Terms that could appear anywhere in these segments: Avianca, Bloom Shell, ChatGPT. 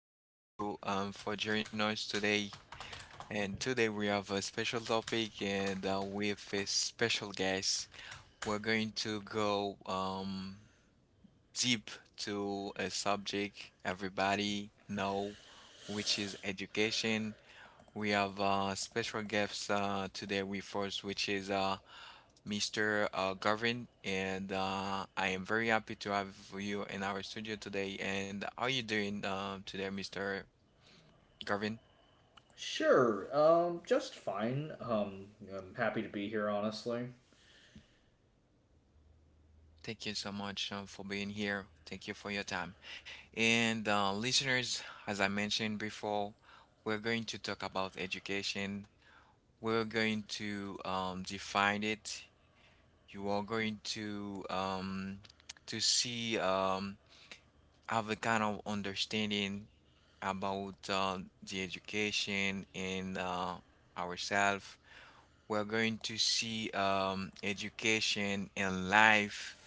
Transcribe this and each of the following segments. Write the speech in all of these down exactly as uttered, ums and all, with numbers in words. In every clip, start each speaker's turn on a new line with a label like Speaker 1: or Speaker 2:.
Speaker 1: Thank you um, for joining us today. And today we have a special topic and uh, with a special guest. We're going to go um, deep to a subject everybody know, which is education. We have uh, special guests uh, today with us, which is uh, mister Uh, Garvin. And uh, I am very happy to have you in our studio today. And how are you doing uh, today, mister Garvin?
Speaker 2: Sure, um, just fine. Um, I'm happy to be here, honestly.
Speaker 1: Thank you so much um, for being here. Thank you for your time. And uh, listeners, as I mentioned before, we're going to talk about education. We're going to um, define it. You are going to um, to see um, have a kind of understanding about uh, the education and uh, ourselves. We're going to see um, education and life,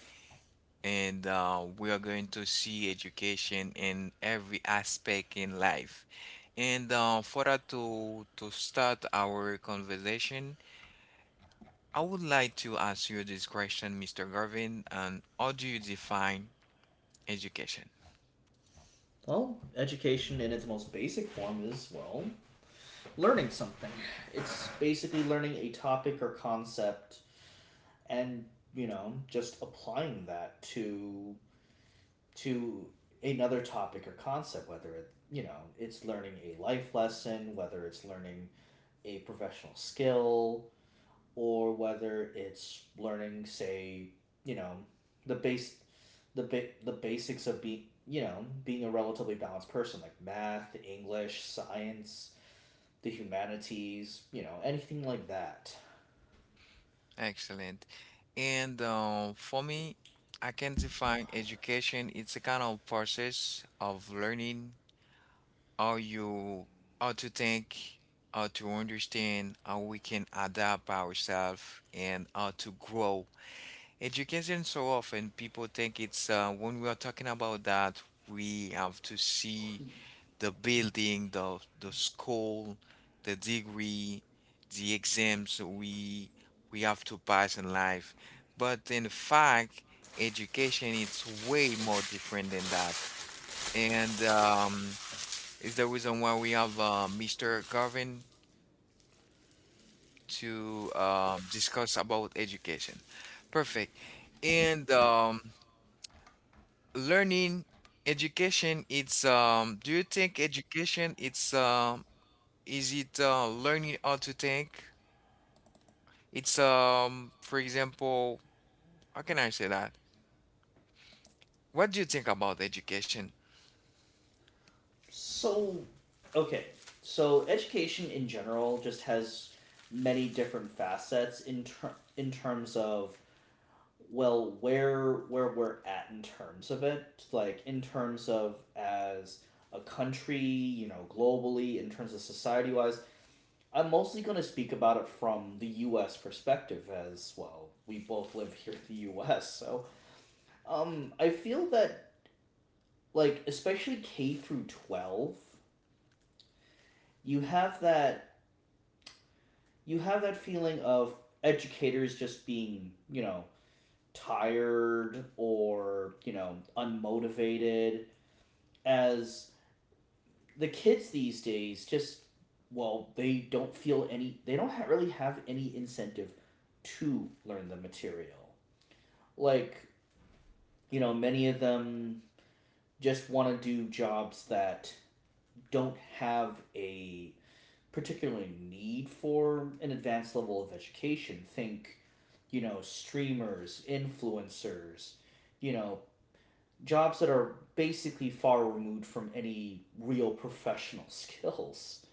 Speaker 1: and uh, we are going to see education in every aspect in life. And uh, for that to to start our conversation, I would like to ask you this question, mister Garvin, and how do you define education?
Speaker 2: Well, education in its most basic form is, well, learning something. It's basically learning a topic or concept and, you know, just applying that to to another topic or concept whether it, you know, it's learning a life lesson, whether it's learning a professional skill, or whether it's learning, say, you know, the base, the ba- the basics of being, you know, being a relatively balanced person, like math, English, science, the humanities, you know, anything like that.
Speaker 1: Excellent. And uh, for me, I can define education. It's a kind of process of learning, how you how to think, how to understand, how we can adapt ourselves, and how to grow. Education, so often people think it's uh, when we are talking about that we have to see the building, the the school, the degree, the exams we we have to pass in life. But in fact, education it's way more different than that. And um, it's the reason why we have uh, mister Garvin to uh, discuss about education. Perfect. And um, learning education, it's um, do you think education it's um, is it uh, learning how to think? It's um, for example, how can I say that? What do you think about education?
Speaker 2: So, okay, so education in general just has many different facets in ter- in terms of well where where we're at in terms of it like in terms of as a country, you know globally, in terms of society wise. I'm mostly going to speak about it from the US perspective. As well, we both live here in the US. So um I feel that, like, especially K through twelve, you have that you have that feeling of educators just being, you know tired or, you know unmotivated, as the kids these days just, well, they don't feel any they don't ha- really have any incentive to learn the material. Like, you know many of them just want to do jobs that don't have a particular need for an advanced level of education. Think, you know streamers, influencers, you know jobs that are basically far removed from any real professional skills.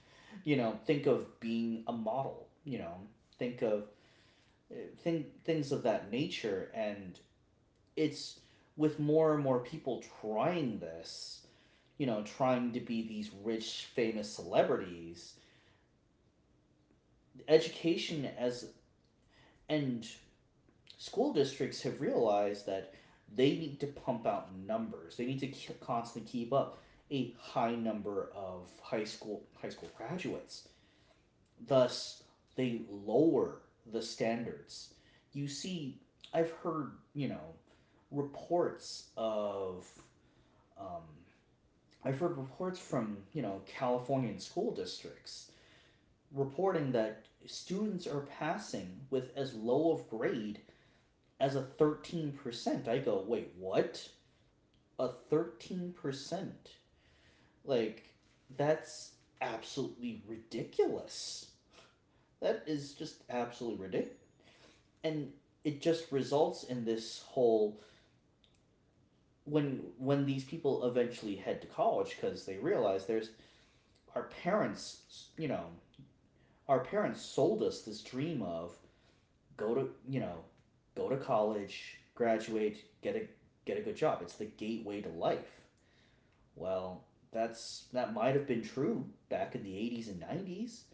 Speaker 2: you know think of being a model, you know think of uh, think things of that nature. And it's, with more and more people trying this, you know trying to be these rich famous celebrities, education as, and school districts, have realized that they need to pump out numbers. They need to constantly keep up a high number of high school high school graduates. Thus, they lower the standards. You see, I've heard, you know, reports of. Um, I've heard reports from, you know, Californian school districts reporting that students are passing with as low of grade as a thirteen percent. I go, wait, what? A thirteen percent? Like, that's absolutely ridiculous. That is just absolutely ridiculous. And it just results in this whole, when when these people eventually head to college, because they realize there's, our parents, you know our parents sold us this dream of, go to, you know go to college, graduate, get a, get a good job, it's the gateway to life. Well, that's that might have been true back in the eighties and nineties,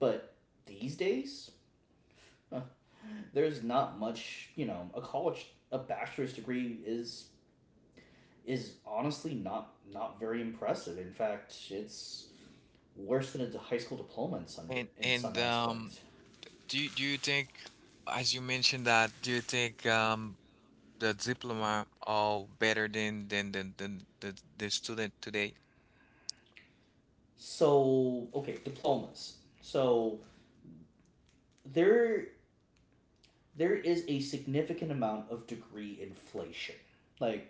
Speaker 2: but these days, huh, there's not much. you know a college, a bachelor's degree is is honestly not, not very impressive. In fact, it's worse than a high school diploma in some
Speaker 1: And
Speaker 2: in
Speaker 1: and
Speaker 2: some
Speaker 1: um,
Speaker 2: aspects.
Speaker 1: do you, do you think, as you mentioned that, do you think um, the diploma all better than than than than the, the student today?
Speaker 2: So okay, diplomas. So there there is a significant amount of degree inflation, like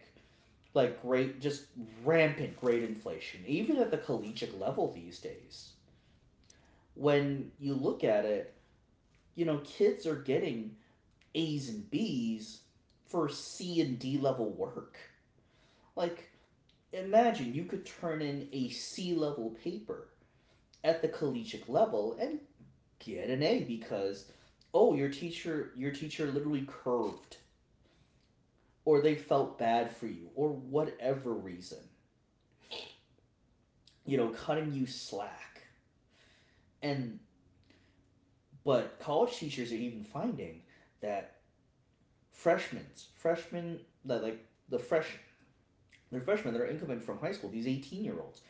Speaker 2: like great just rampant grade inflation, even at the collegiate level these days. When you look at it, you know kids are getting A's and B's for C and D level work. Like, imagine you could turn in a C level paper at the collegiate level and get an A because, oh, your teacher your teacher literally curved or they felt bad for you or whatever reason. You know, cutting you slack. And but college teachers are even finding that freshmen, freshmen that like the fresh they're freshmen that are incoming from high school, these eighteen year olds,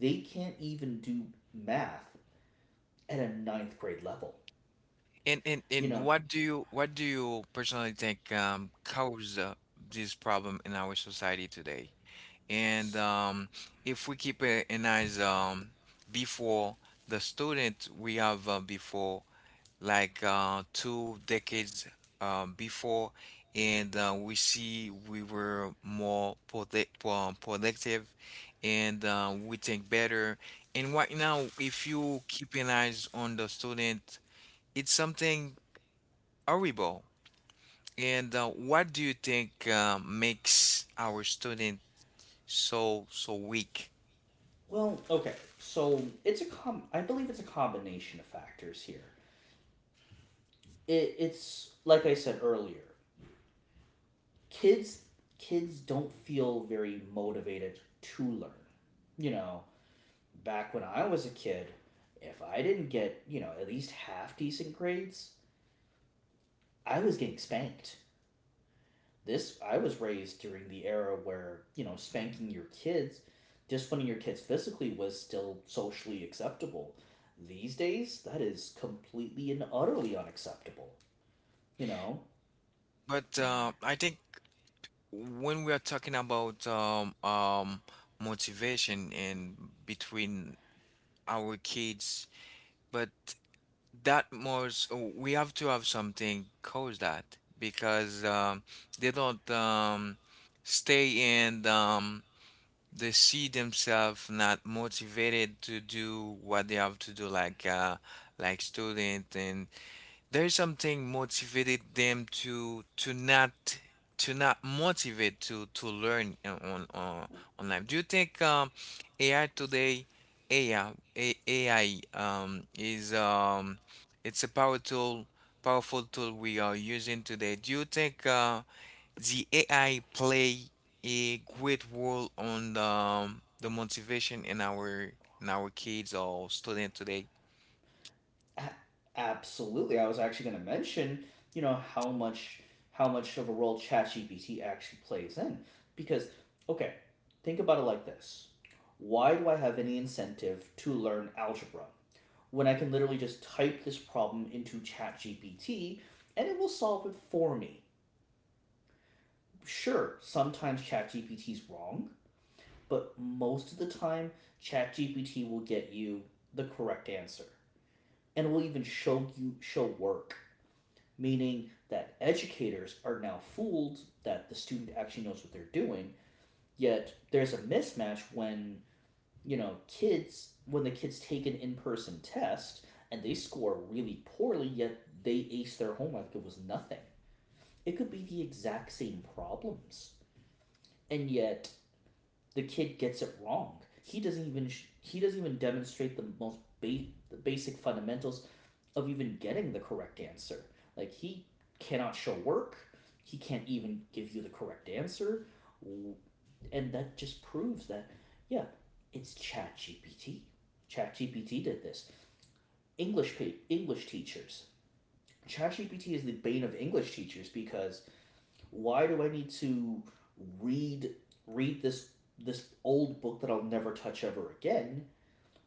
Speaker 2: they can't even do math at a ninth grade level.
Speaker 1: And, and
Speaker 2: You
Speaker 1: and
Speaker 2: know,
Speaker 1: what do you what do you personally think um caused uh, this problem in our society today? And um if we keep a- an eyes um before the student we have uh, before, like uh, two decades um, before, and uh, we see we were more product, um, productive, and uh, we think better. And right now, if you keep an eyes on the student, it's something horrible. And uh, what do you think uh, makes our student so so weak?
Speaker 2: Well, okay. So it's a com. I believe it's a combination of factors here. It, it's like I said earlier. Kids, kids don't feel very motivated to learn. You know, back when I was a kid, if I didn't get, you know at least half decent grades, I was getting spanked. This I was raised during the era where, you know spanking your kids, disciplining your kids physically, was still socially acceptable. These days, that is completely and utterly unacceptable. You know,
Speaker 1: But uh, I think when we are talking about um, um, motivation and between our kids, but that most we have to have something cause that because um, they don't um, stay, and um, they see themselves not motivated to do what they have to do, like uh, like student, and there's something motivated them to to not to not motivate to to learn uh, on on online. Do you think um A I today, A I A I um is um it's a power tool powerful tool we are using today? Do you think uh the A I play a great role on the um, the motivation in our in our kids or student today?
Speaker 2: A- absolutely. I was actually going to mention, you know how much, how much of a role ChatGPT actually plays in, because okay, think about it like this. Why do I have any incentive to learn algebra when I can literally just type this problem into ChatGPT and it will solve it for me? Sure, sometimes ChatGPT is wrong, but most of the time ChatGPT will get you the correct answer and will even show you show work, meaning that educators are now fooled that the student actually knows what they're doing, yet there's a mismatch when, you know, kids, when the kids take an in person test and they score really poorly, yet they ace their homework, it was nothing. It could be the exact same problems. And yet the kid gets it wrong. He doesn't even sh- he doesn't even demonstrate the most ba- the basic fundamentals of even getting the correct answer. Like he cannot show work. He can't even give you the correct answer. And that just proves that, yeah, it's ChatGPT. ChatGPT did this. English pa- English teachers. ChatGPT is the bane of English teachers because why do I need to read read this this old book that I'll never touch ever again,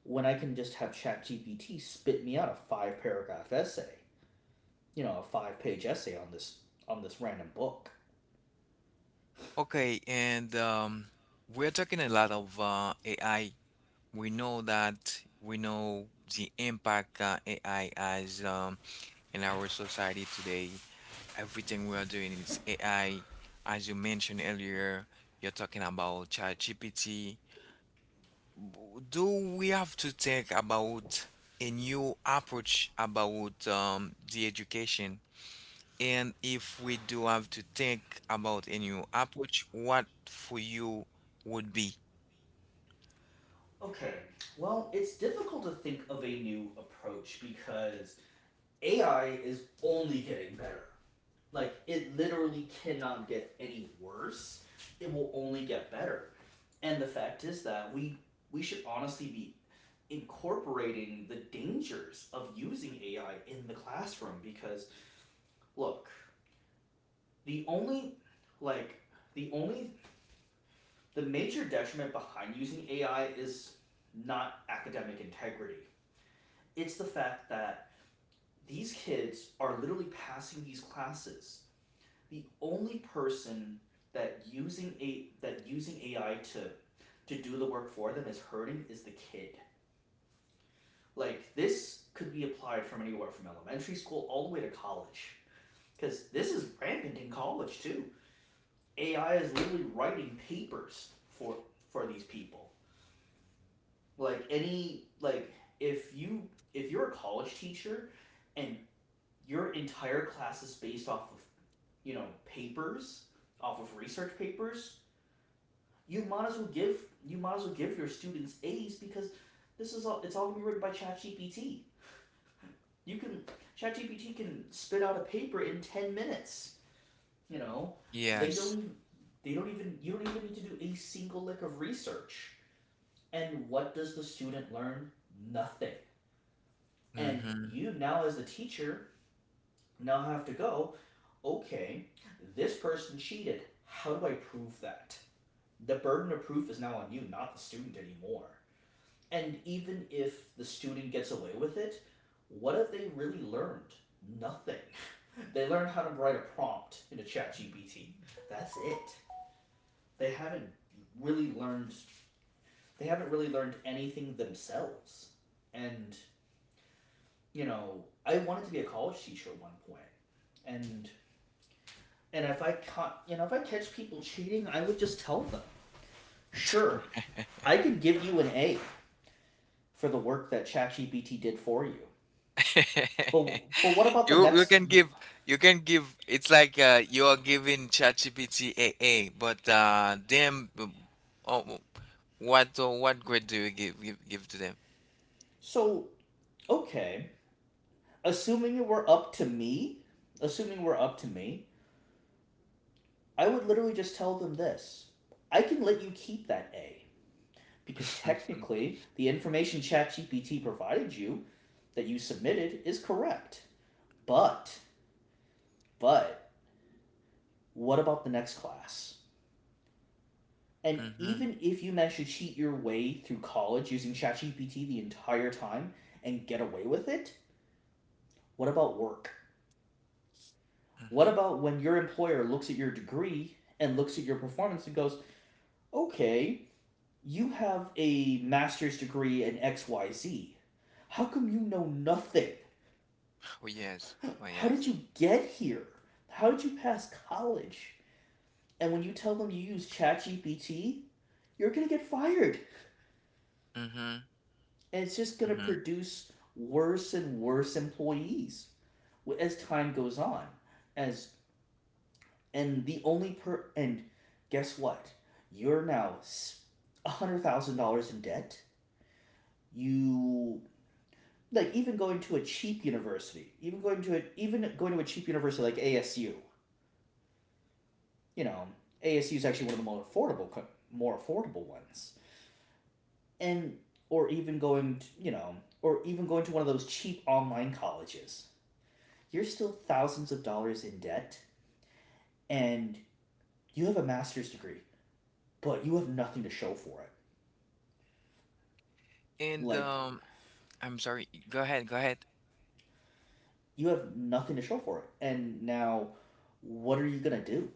Speaker 2: when I can just have ChatGPT spit me out a five paragraph essay, you know, a five page essay on this on this random book?
Speaker 1: Okay, and um, we're talking a lot of uh, A I. We know that we know the impact uh, A I has um, in our society today. Everything we are doing is A I. As you mentioned earlier, you're talking about ChatGPT. W- Do we have to think about a new approach about um, the education? And if we do have to think about a new approach, what for you would be?
Speaker 2: Okay. Well, it's difficult to think of a new approach because A I is only getting better. Like, it literally cannot get any worse. It will only get better. And the fact is that we we should honestly be incorporating the dangers of using A I in the classroom because, look, the only like the only the major detriment behind using A I is not academic integrity. It's the fact that these kids are literally passing these classes. The only person that using a that using A I to to do the work for them is hurting is the kid. Like, this could be applied from anywhere, from elementary school all the way to college, because this is rampant in college too. A I is literally writing papers for for these people. Like, any, like, if you if you're a college teacher and your entire class is based off of, you know, papers, off of research papers, You might as well give you might as well give your students A's because this is all, it's all gonna be written by ChatGPT. You can ChatGPT can spit out a paper in ten minutes. You know they don't
Speaker 1: Yes.
Speaker 2: even, they don't even you don't even need to do a single lick of research. And what does the student learn? Nothing. And
Speaker 1: Hmm.
Speaker 2: you now, as the teacher, now have to go, okay, this person cheated. How do I prove that? The burden of proof is now on you, not the student anymore. And even if the student gets away with it, what have they really learned? Nothing. they learned how to write a prompt in a chat G P T. That's it. They haven't really learned they haven't really learned anything themselves. And, you know, I wanted to be a college teacher at one point. And and if I caught, you know, if I catch people cheating, I would just tell them. Sure, I could give you an A for the work that ChatGPT did for you. But but what about the
Speaker 1: You you
Speaker 2: next?
Speaker 1: can give, you can give it's like uh you are giving ChatGPT a a. but uh them uh, oh, what uh, what grade do you give, give give to them?
Speaker 2: So okay, assuming it were up to me, assuming it were up to me, I would literally just tell them this: I can let you keep that A because technically the information ChatGPT provided you that you submitted is correct. But but what about the next class? And
Speaker 1: Mhm,
Speaker 2: even if you manage to cheat your way through college using ChatGPT the entire time and get away with it, what about work? What
Speaker 1: mhm.
Speaker 2: about when your employer looks at your degree and looks at your performance and goes, okay, you have a master's degree in X Y Z. How come you know nothing?
Speaker 1: Oh, yes. Oh,
Speaker 2: How
Speaker 1: yes.
Speaker 2: did you get here? How did you pass college? And when you tell them you use ChatGPT, you're going to get fired.
Speaker 1: Mhm,
Speaker 2: And it's just going to
Speaker 1: mhm.
Speaker 2: produce worse and worse employees as time goes on. As and the only per and guess what? You're now a hundred thousand dollars in debt. You, like, even going to a cheap university, even going to a even going to a cheap university like A S U. You know, A S U is actually one of the more affordable, more affordable ones, and, or even going to, you know or even going to one of those cheap online colleges. You're still thousands of dollars in debt, and you have a master's degree, but you have nothing to show for it.
Speaker 1: And
Speaker 2: Like,
Speaker 1: um, I'm sorry. Go ahead. Go ahead.
Speaker 2: you have nothing to show for it. And now, what are you going to do?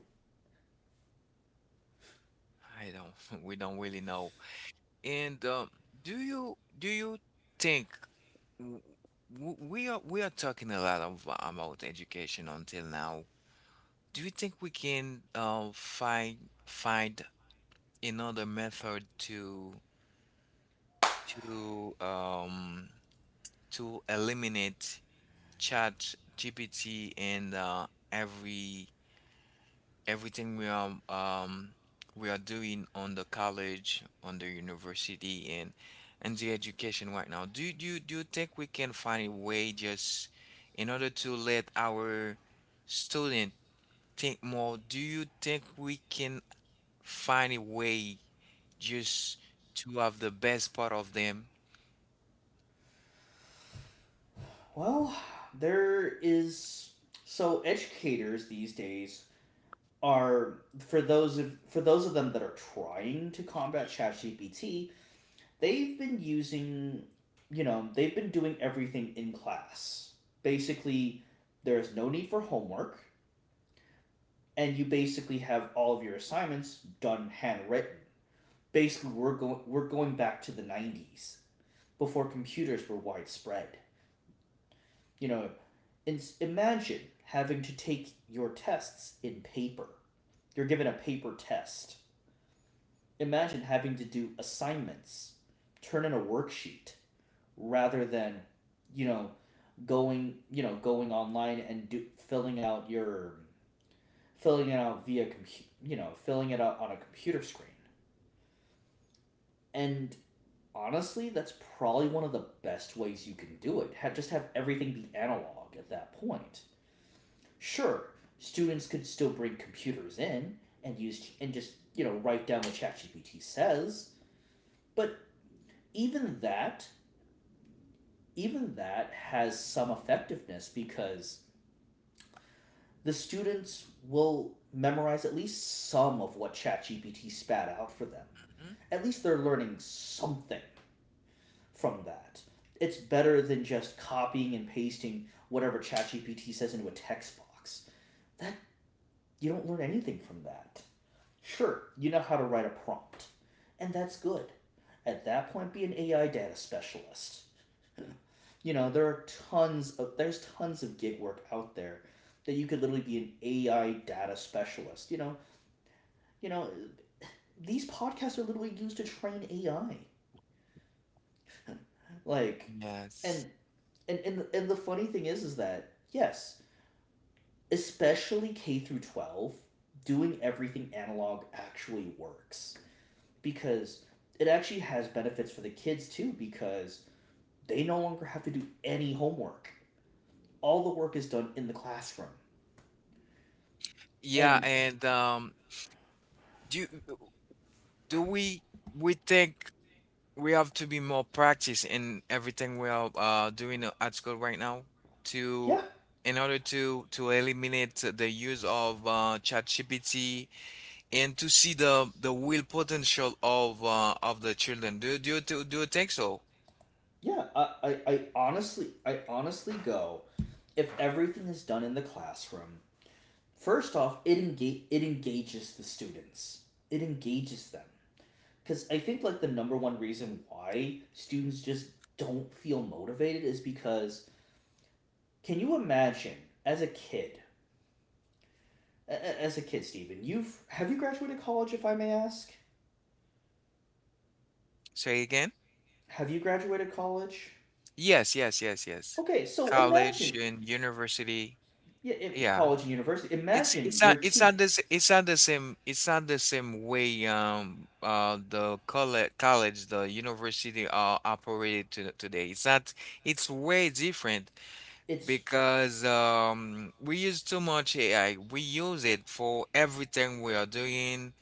Speaker 1: I don't. We don't really know. And um, do you do you think, w- w- we are we are talking a lot of, uh, about education until now. Do you think we can uh, find find another method to to um to eliminate Chat G P T and uh, every everything we are um we are doing on the college, on the university, and and the education right now. Do you do you, do you think we can find a way just in order to let our student think more? Do you think we can find a way just to have the best part of them?
Speaker 2: Well, there is so educators these days are, for those of for those of them that are trying to combat ChatGPT, they've been using, you know, they've been doing everything in class. Basically, there is no need for homework, and you basically have all of your assignments done handwritten. Basically, we're going we're going back to the nineties before computers were widespread. You know, in- imagine having to take your tests in paper. You're given a paper test. Imagine having to do assignments, turn in a worksheet, rather than, you know, going, you know, going online and do filling out your filling it out via compu- you know, filling it out on a computer screen. And honestly, that's probably one of the best ways you can do it. Have just have everything be analog at that point. Sure, students could still bring computers in and use and just, you know, write down what ChatGPT says, but even that even that has some effectiveness because the students will memorize at least some of what ChatGPT spat out for them.
Speaker 1: Mhm.
Speaker 2: At least they're learning something from that. It's better than just copying and pasting whatever ChatGPT says into a text box. That You don't learn anything from that. Sure, you know how to write a prompt, and that's good. At that point, be an A I data specialist. You know, there are tons of there's tons of gig work out there that you could literally be an A I data specialist. You know, you know, these podcasts are literally used to train A I. Like, and
Speaker 1: Yes.
Speaker 2: and and the, and the funny thing is, is that yes, especially K through twelve, doing everything analog actually works because it actually has benefits for the kids too because they no longer have to do any homework. All the work is done in the classroom.
Speaker 1: Yeah,
Speaker 2: And
Speaker 1: and um, do do we we think we have to be more practice in everything we are uh, doing uh, at school right now, to
Speaker 2: yeah,
Speaker 1: in order to to eliminate the use of uh, ChatGPT and to see the the real potential of uh, of the children. Do do you th- do you think so?
Speaker 2: yeah, I, I, I honestly I honestly go, if everything is done in the classroom, first off, it engage it engages the students. It engages them. Cause I think, like, the number one reason why students just don't feel motivated is because, can you imagine, as a kid as a kid, Stephen, you've have you graduated college, if I may ask?
Speaker 1: Say again?
Speaker 2: Have you graduated college?
Speaker 1: Yes, yes, yes, yes.
Speaker 2: Okay, so
Speaker 1: College
Speaker 2: imagine,
Speaker 1: and university.
Speaker 2: yeah, it,
Speaker 1: Yeah.
Speaker 2: college and university.
Speaker 1: It's
Speaker 2: Imagine
Speaker 1: it's not,
Speaker 2: your
Speaker 1: it's
Speaker 2: te-
Speaker 1: not this it's not the same it's not the same way um uh the college college the university are operated to today. It's not, it's way different
Speaker 2: It's
Speaker 1: because um we use too much A I. We use it for everything we are doing.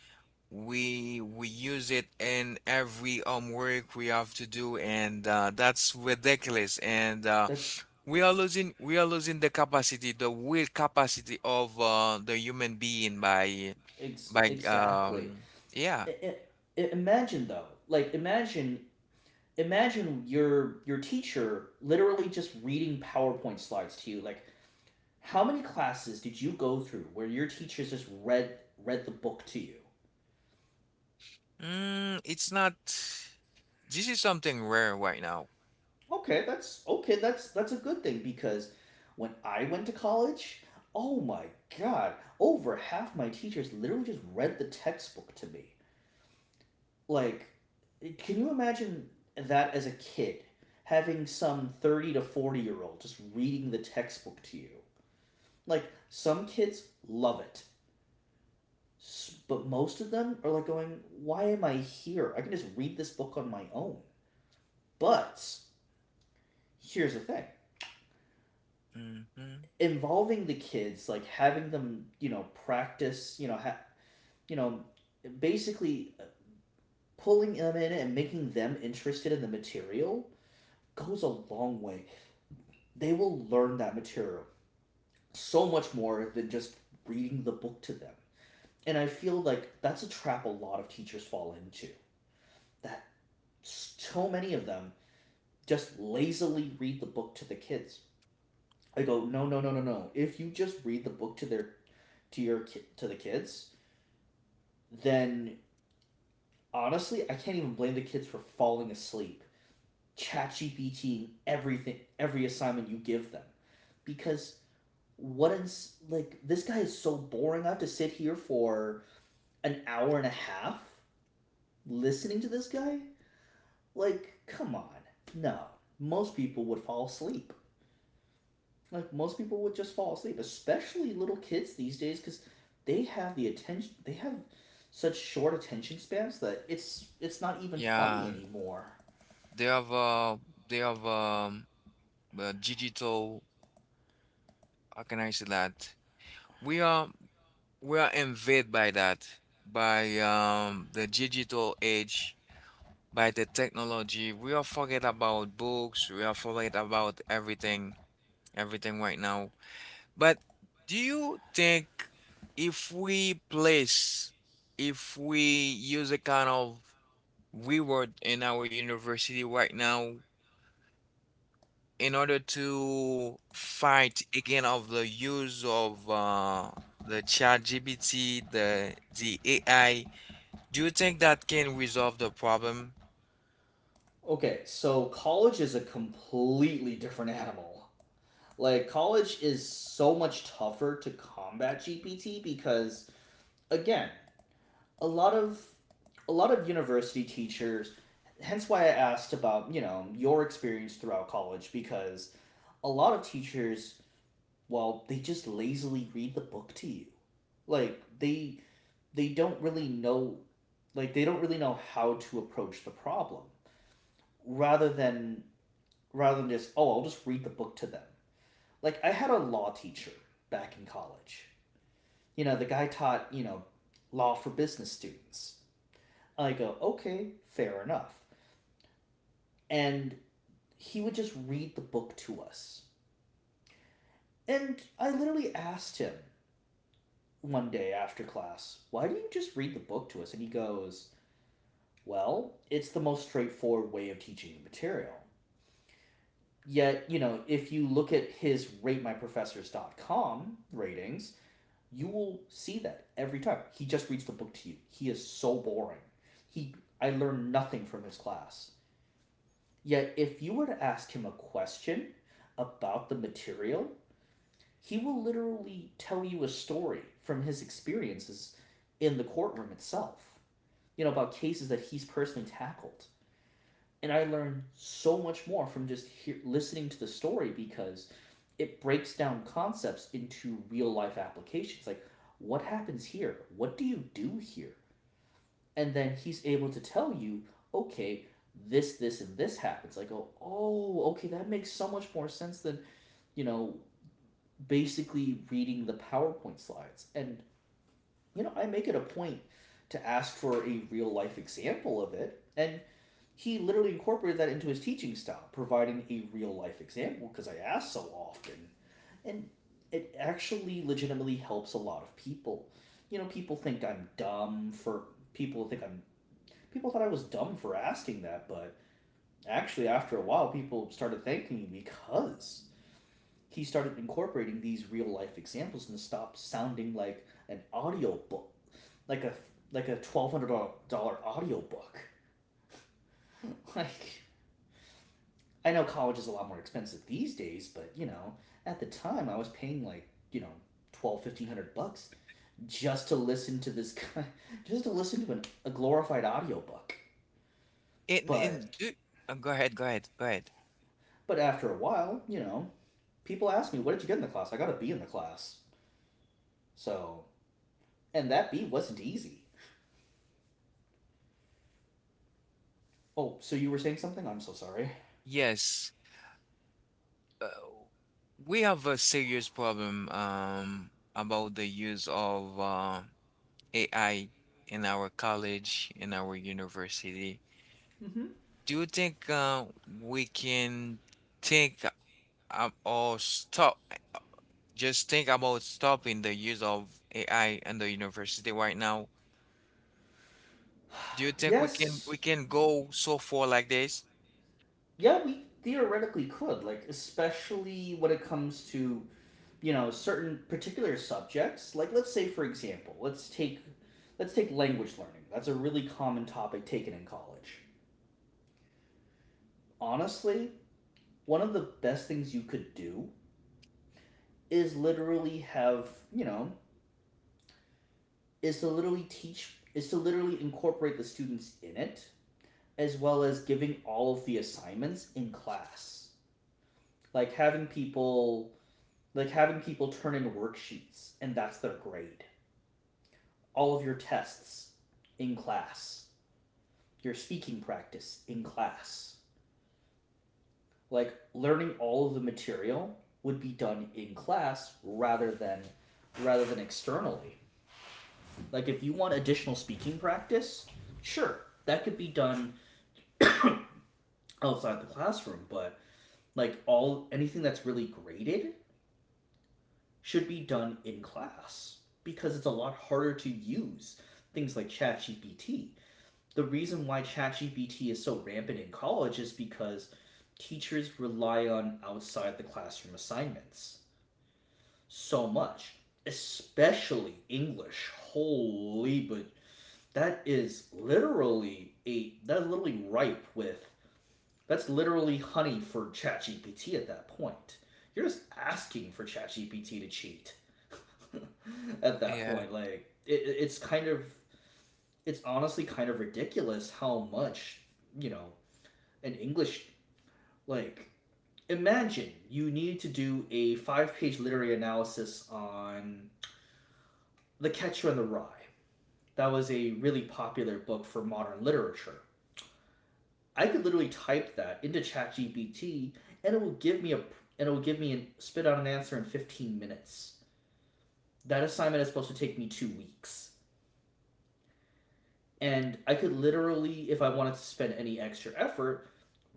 Speaker 1: We we use it in every homework we have to do, and uh, that's ridiculous, and uh,
Speaker 2: that's
Speaker 1: we are losing we are losing the capacity, the will capacity of uh, the human being by
Speaker 2: ex-
Speaker 1: by
Speaker 2: exactly.
Speaker 1: um yeah.
Speaker 2: I I Imagine, though, like imagine, imagine your your teacher literally just reading PowerPoint slides to you. Like, how many classes did you go through where your teacher just read read the book to you?
Speaker 1: Mm, it's not this is something rare right now.
Speaker 2: Okay, that's okay. That's that's a good thing because when I went to college, oh my god, over half my teachers literally just read the textbook to me. Like, can you imagine that as a kid, having some thirty to forty year old just reading the textbook to you? Like, some kids love it, s- but most of them are like going, "Why am I here? I can just read this book on my own." But here's the thing.
Speaker 1: Hmm.
Speaker 2: Involving the kids, like having them, you know, practice, you know, ha- you know, basically pulling them in and making them interested in the material goes a long way. They will learn that material so much more than just reading the book to them. And I feel like that's a trap a lot of teachers fall into. That So many of them just lazily read the book to the kids. I go, "No, no, no, no, no. If you just read the book to their to your to the kids, then honestly, I can't even blame the kids for falling asleep. ChatGPT everything, every assignment you give them, because, what is, like, this guy is so boring. I have to sit here for an hour and a half listening to this guy. Like, come on, no. Most people would fall asleep. Like, most people would just fall asleep, especially little kids these days, because they have the attention. They have such short attention spans that it's it's not even funny
Speaker 1: Yeah,
Speaker 2: anymore.
Speaker 1: they have uh they have um uh, digital, how can I say that? We are we are invaded by that, by um the digital age, by the technology. We are forget about books, we are forget about everything everything right now. But do you think if we place, if we use a kind of reward in our university right now in order to fight again of the use of uh, the chat G P T, the the A I, do you think that can resolve the problem?
Speaker 2: Okay, so college is a completely different animal. Like, college is so much tougher to combat G P T because, again, a lot of a lot of university teachers, hence why I asked about, you know, your experience throughout college, because a lot of teachers, well, they just lazily read the book to you. Like, they they don't really know, like, they don't really know how to approach the problem, rather than rather than just, oh, I'll just read the book to them. Like, I had a law teacher back in college. You know, the guy taught, you know, law for business students. I go, okay, fair enough. And he would just read the book to us, and I literally asked him one day after class, why do you just read the book to us? And he goes, well, it's the most straightforward way of teaching the material. Yet, you know, if you look at his rate my rate my professors dot com ratings, you will see that every time. He just reads the book to you. He is so boring. He I learned nothing from his class. Yet if you were to ask him a question about the material, he will literally tell you a story from his experiences in the courtroom itself. You know, about cases that he's personally tackled. And I learned so much more from just hear, listening to the story because it breaks down concepts into real life applications, like, what happens here, what do you do here, and then he's able to tell you, okay, this this and this happens. I go, oh, okay, that makes so much more sense than, you know, basically reading the PowerPoint slides. And, you know, I make it a point to ask for a real life example of it, and he literally incorporated that into his teaching style, providing a real life example because I asked so often. And it actually legitimately helps a lot of people. You know, people think I'm dumb for people think I'm people thought I was dumb for asking that, but actually after a while people started thanking me because he started incorporating these real life examples and stopped sounding like an audiobook, like a like a twelve hundred dollar audiobook. Like, I know college is a lot more expensive these days, but you know, at the time I was paying, like, you know, twelve fifteen hundred bucks just to listen to this guy, just to listen to an, a glorified audiobook.
Speaker 1: In in
Speaker 2: But
Speaker 1: do uh, go ahead, go ahead, go ahead.
Speaker 2: but after a while, you know, people ask me, "What did you get in the class?" I got a B in the class. So, and that B wasn't easy. Oh, so you were saying something? I'm so sorry.
Speaker 1: Yes. uh, we have a serious problem um, about the use of uh, A I in our college, in our university.
Speaker 2: Mm-hmm.
Speaker 1: Do you think uh, we can think uh, or stop, just think about stopping the use of A I in the university right now? Do you think we can
Speaker 2: Yes.
Speaker 1: we can go so far like this?
Speaker 2: Yeah, we theoretically could, like, especially when it comes to, you know, certain particular subjects. Like, let's say for example, let's take let's take language learning. That's a really common topic taken in college. Honestly, one of the best things you could do is literally have you know is to literally teach is to literally incorporate the students in it, as well as giving all of the assignments in class. Like having people like having people turn in worksheets and that's their grade. All of your tests in class, your speaking practice in class. Like learning all of the material would be done in class rather than, rather than externally. Like if you want additional speaking practice, sure, that could be done outside the classroom, but, like, all, anything that's really graded should be done in class because it's a lot harder to use things like ChatGPT. The reason why ChatGPT is so rampant in college is because teachers rely on outside the classroom assignments so much, especially English. Holy, but, that is literally a, that's literally ripe with that's literally honey for ChatGPT at that point. You're just asking for ChatGPT to cheat at that
Speaker 1: Yeah.
Speaker 2: point. Like it, it's kind of, it's honestly kind of ridiculous how much, you know, an English, like, imagine you need to do a five-page literary analysis on The Catcher in the Rye. That was a really popular book for modern literature. I could literally type that into ChatGPT and it will give me a and it will give me and spit out an answer in fifteen minutes. That assignment is supposed to take me two weeks. And I could literally, if I wanted to spend any extra effort,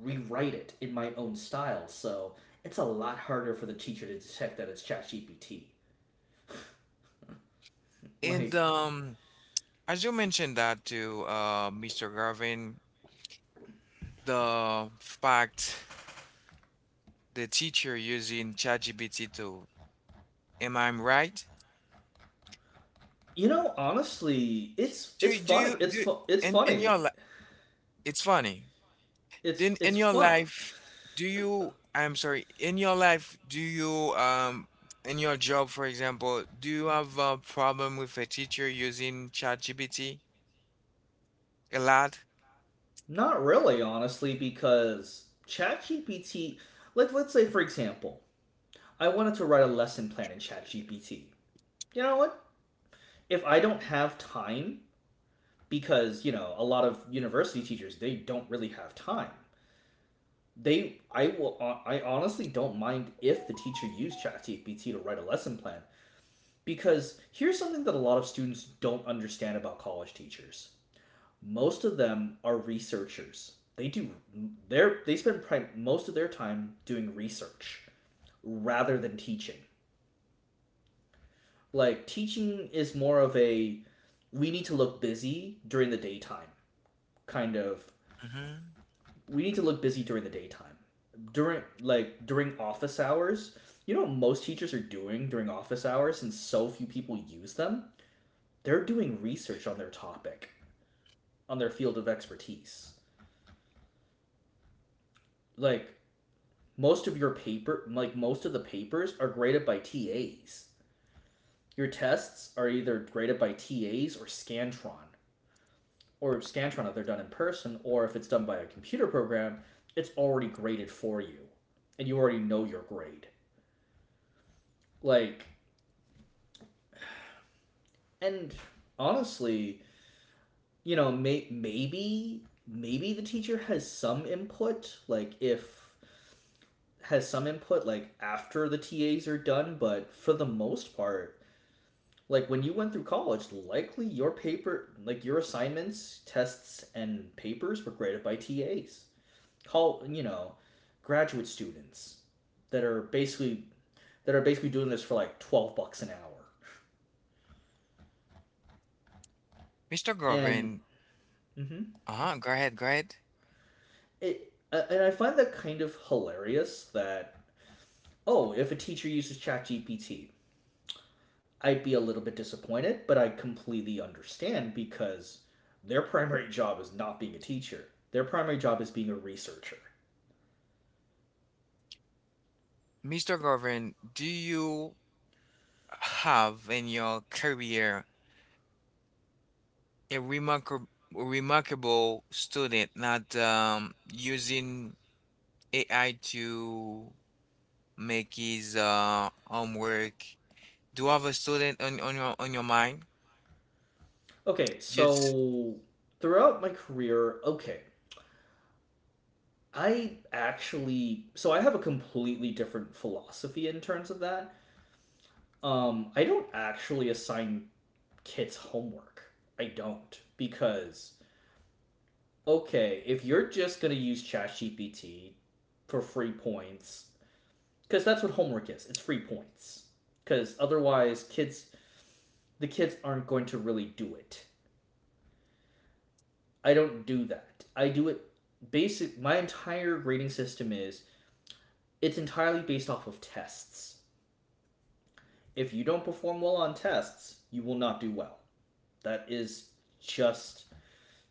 Speaker 2: rewrite it in my own style. So, it's a lot harder for the teacher to detect that it's ChatGPT.
Speaker 1: And
Speaker 2: Like,
Speaker 1: um, as you mentioned that to uh, mister Garvin, the fact, the teacher using ChatGPT too. Am I right?
Speaker 2: you know, honestly, it's
Speaker 1: Do
Speaker 2: it's
Speaker 1: you- do
Speaker 2: funny.
Speaker 1: you
Speaker 2: It's
Speaker 1: do
Speaker 2: fu- it's
Speaker 1: in in
Speaker 2: funny.
Speaker 1: your life? It's funny.
Speaker 2: It's
Speaker 1: Then in
Speaker 2: it's
Speaker 1: your
Speaker 2: fun.
Speaker 1: life, do you? I'm sorry. In your life, do you, um in your job, for example, do you have a problem with a teacher using ChatGPT a lot?
Speaker 2: Not really, honestly, because ChatGPT, like, let's say, for example, I wanted to write a lesson plan in ChatGPT. You know what? If I don't have time, because, you know, a lot of university teachers, they don't really have time. They, I will, I honestly don't mind if the teacher used ChatGPT to write a lesson plan, because here's something that a lot of students don't understand about college teachers. Most of them are researchers. They do their they spend prime, most of their time doing research rather than teaching. Like, teaching is more of a, we need to look busy during the daytime kind of.
Speaker 1: Hmm.
Speaker 2: We need to look busy during the daytime. During like during office hours, you know what most teachers are doing during office hours, and so few people use them? They're doing research on their topic, on their field of expertise. Like, most of your paper, like most of the papers, are graded by T As. Your tests are either graded by T As or Scantron, or Scantron if they're done in person, or if it's done by a computer program, it's already graded for you, and you already know your grade. Like, and honestly, you know, may- maybe maybe the teacher has some input, like if has some input, like after the T As are done, but for the most part, like when you went through college, likely your paper, like your assignments, tests, and papers were graded by T As. Call, you know, graduate students that are basically that are basically doing this for like twelve bucks an hour,
Speaker 1: mister
Speaker 2: and
Speaker 1: Govin,
Speaker 2: mhm.
Speaker 1: uh-huh, go ahead, go ahead.
Speaker 2: it and I find that kind of hilarious. That Oh, if a teacher uses ChatGPT, I'd be a little bit disappointed, but I completely understand because their primary job is not being a teacher. Their primary job is being a researcher.
Speaker 1: mister Govin, do you have in your career a remarkable remarkable student not um, using A I to make his uh, homework? Do you have a student on, on your on your mind?
Speaker 2: Okay,
Speaker 1: Just
Speaker 2: so throughout my career, okay, I actually so I have a completely different philosophy in terms of that. Um, I don't actually assign kids homework. I don't, because okay, if you're just gonna use ChatGPT for free points, because that's what homework is. It's free points. Because otherwise, kids the kids aren't going to really do it. I don't do that. I do it basic. My entire grading system is, it's entirely based off of tests. If you don't perform well on tests, you will not do well. That is just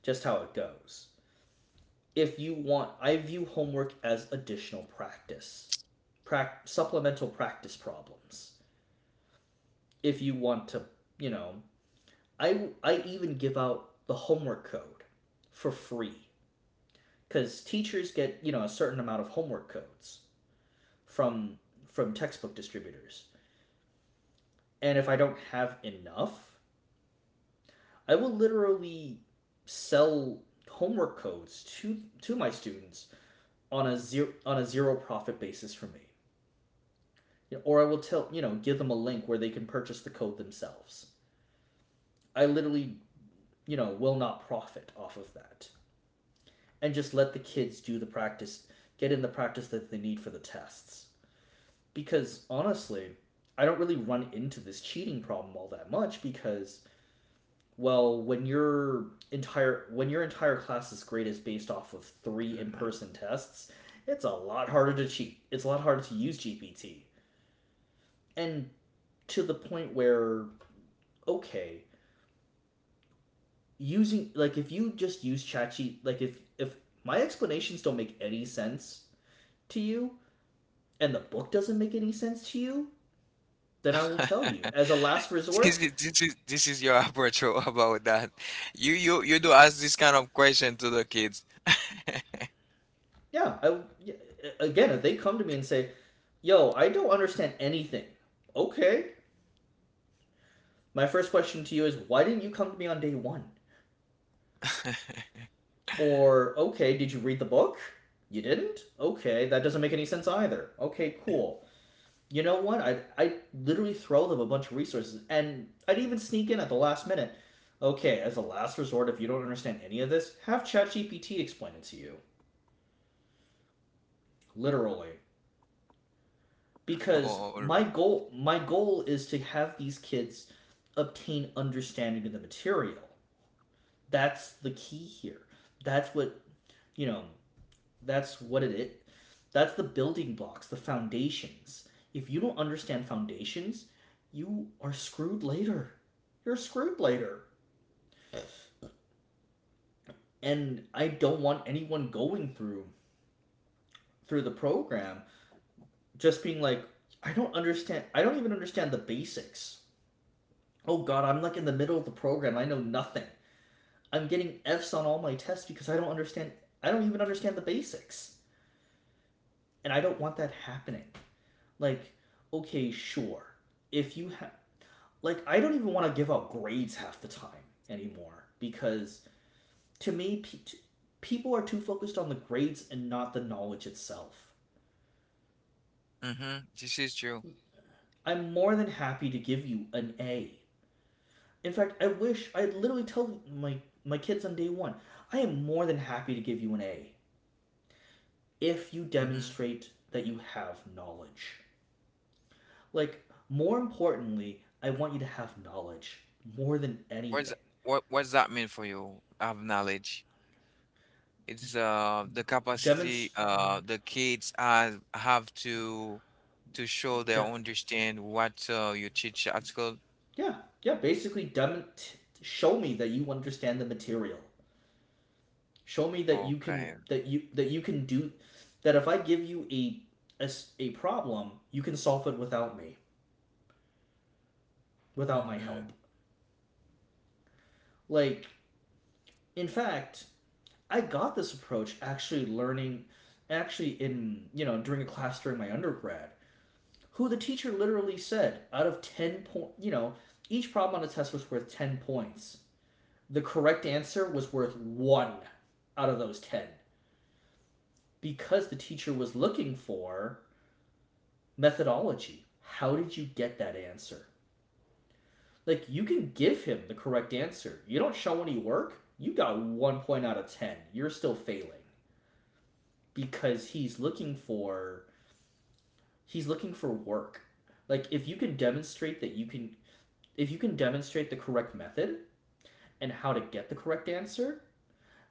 Speaker 2: just how it goes. If you want, I view homework as additional practice, prac- supplemental practice problems. If you want to, you know, I I even give out the homework code for free because teachers get you know a certain amount of homework codes from from textbook distributors, and if I don't have enough, I will literally sell homework codes to to my students on a zero on a zero profit basis for me. You know, or I will tell you know, give them a link where they can purchase the code themselves. I literally, you know will not profit off of that, and just let the kids do the practice, get in the practice that they need for the tests. Because honestly, I don't really run into this cheating problem all that much because, well, when your entire when your entire class's grade is based off of three in-person tests, it's a lot harder to cheat, it's a lot harder to use G P T. And, to the point where, okay, using like, if you just use ChatGPT, like, if if my explanations don't make any sense to you and the book doesn't make any sense to you, then I will tell you, as a last
Speaker 1: this
Speaker 2: resort,
Speaker 1: is this is this is your approach o- about that. You you you do ask this kind of question to the kids.
Speaker 2: yeah, I yeah, again, if they come to me and say, yo, I don't understand anything. Okay. My first question to you is, why didn't you come to me on day one? Or, okay, did you read the book? You didn't? Okay, that doesn't make any sense either. Okay, cool. You know what? I I literally throw them a bunch of resources, and I'd even sneak in at the last minute. Okay, as a last resort, if you don't understand any of this, have ChatGPT explain it to you. Literally.
Speaker 1: Oh,
Speaker 2: Because
Speaker 1: all
Speaker 2: my
Speaker 1: right.
Speaker 2: goal my goal is to have these kids obtain understanding of the material. That's the key here. That's what, you know, That's what it is. That's the building blocks, the foundations. If you don't understand foundations, you are screwed later. You're screwed later. And I don't want anyone going through through the program, just being like, I don't understand. I don't even understand the basics. Oh god, I'm like in the middle of the program. I know nothing. I'm getting Fs on all my tests because I don't understand. I don't even understand the basics. And I don't want that happening. Like, okay, sure. If you have. Like, I don't even want to give out grades half the time anymore, because to me, pe- people are too focused on the grades and not the knowledge itself.
Speaker 1: Mm-hmm. This is true.
Speaker 2: I'm more than happy to give you an A. In fact, I wish I literally tell my my kids on day one, I am more than happy to give you an A if you
Speaker 1: Mm-hmm.
Speaker 2: demonstrate that you have knowledge. Like, more importantly, I want you to have knowledge more than
Speaker 1: What's
Speaker 2: anything.
Speaker 1: what does- what what does that mean for you? I have knowledge. It's uh the capacity
Speaker 2: Demonst-
Speaker 1: uh the kids are have to to show they
Speaker 2: de-
Speaker 1: understand what uh, you teach at school.
Speaker 2: Yeah, yeah. Basically, dem- t- show me that you understand the material. Show me that you can
Speaker 1: Okay.
Speaker 2: that you that you can do that. If I give you a a a problem, you can solve it without me, without my
Speaker 1: Mm-hmm.
Speaker 2: help. Like, in fact, I got this approach, actually, learning, actually, in, you know during a class during my undergrad, who the teacher literally said, out of ten point, you know, each problem on a test was worth ten points. The correct answer was worth one out of those ten, because the teacher was looking for methodology. How did you get that answer? Like, you can give him the correct answer. You don't show any work, you got one point out of ten. You're still failing because he's looking for he's looking for work, like, if you can demonstrate that you can if you can demonstrate the correct method and how to get the correct answer.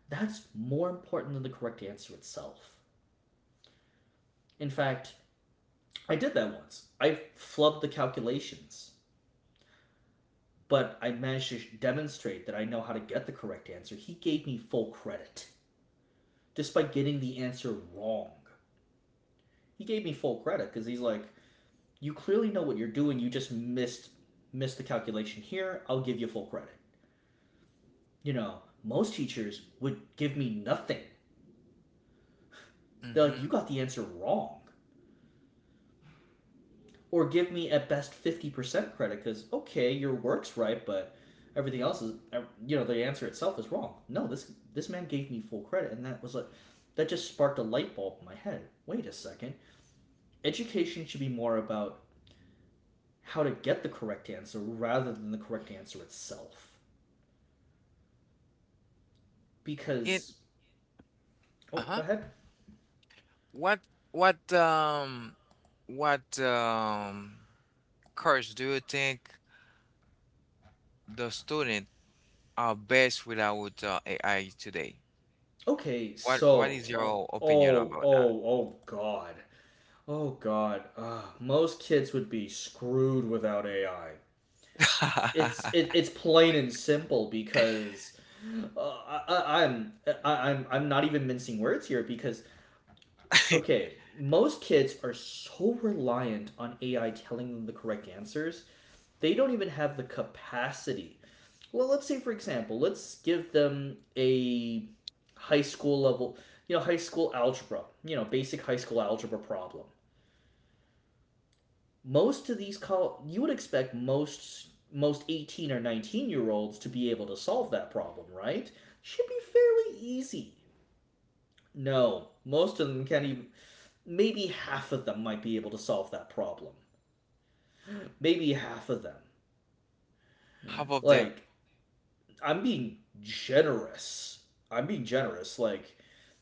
Speaker 2: That's more important than the correct answer itself. In fact, I did that once, I flubbed the calculations, but I managed to demonstrate that I know how to get the correct answer. He gave me full credit, despite getting the answer wrong. He gave me full credit because he's like, "You clearly know what you're doing. You just missed missed the calculation here. I'll give you full credit." You know, most teachers would give me nothing. They're like, "You
Speaker 1: Mm-hmm.
Speaker 2: got the answer wrong," or give me at best fifty percent credit because, okay, your work's right, but everything else is, you know the answer itself is wrong. No, this this man gave me full credit, and that was like, that just sparked a light bulb in my head. Wait a second, education should be more about how to get the correct answer rather than the correct answer itself,
Speaker 1: It
Speaker 2: because— oh, go
Speaker 1: uh-huh.
Speaker 2: ahead.
Speaker 1: What what um what um course do you think the student are best without uh, A I today?
Speaker 2: Okay,
Speaker 1: What what
Speaker 2: so,
Speaker 1: is
Speaker 2: oh
Speaker 1: your opinion
Speaker 2: oh
Speaker 1: about
Speaker 2: oh, oh god oh god, uh, most kids would be screwed without AI. it's it,
Speaker 1: that?
Speaker 2: it's plain and simple, because uh, I, I'm I, I'm I'm not even mincing words here, because okay, most kids are so reliant on A I telling them the correct answers, they don't even have the capacity. Well, let's say, for example, let's give them a high school level, you know, high school algebra, you know, basic high school algebra problem. Most of these col- you would expect most most eighteen or nineteen year olds to be able to solve that problem, right? Should be fairly easy. No, most of them can't even. Maybe half of them might be able to solve that problem. Maybe half of them.
Speaker 1: Half of them.
Speaker 2: Like, I'm being generous. I'm being generous. Like,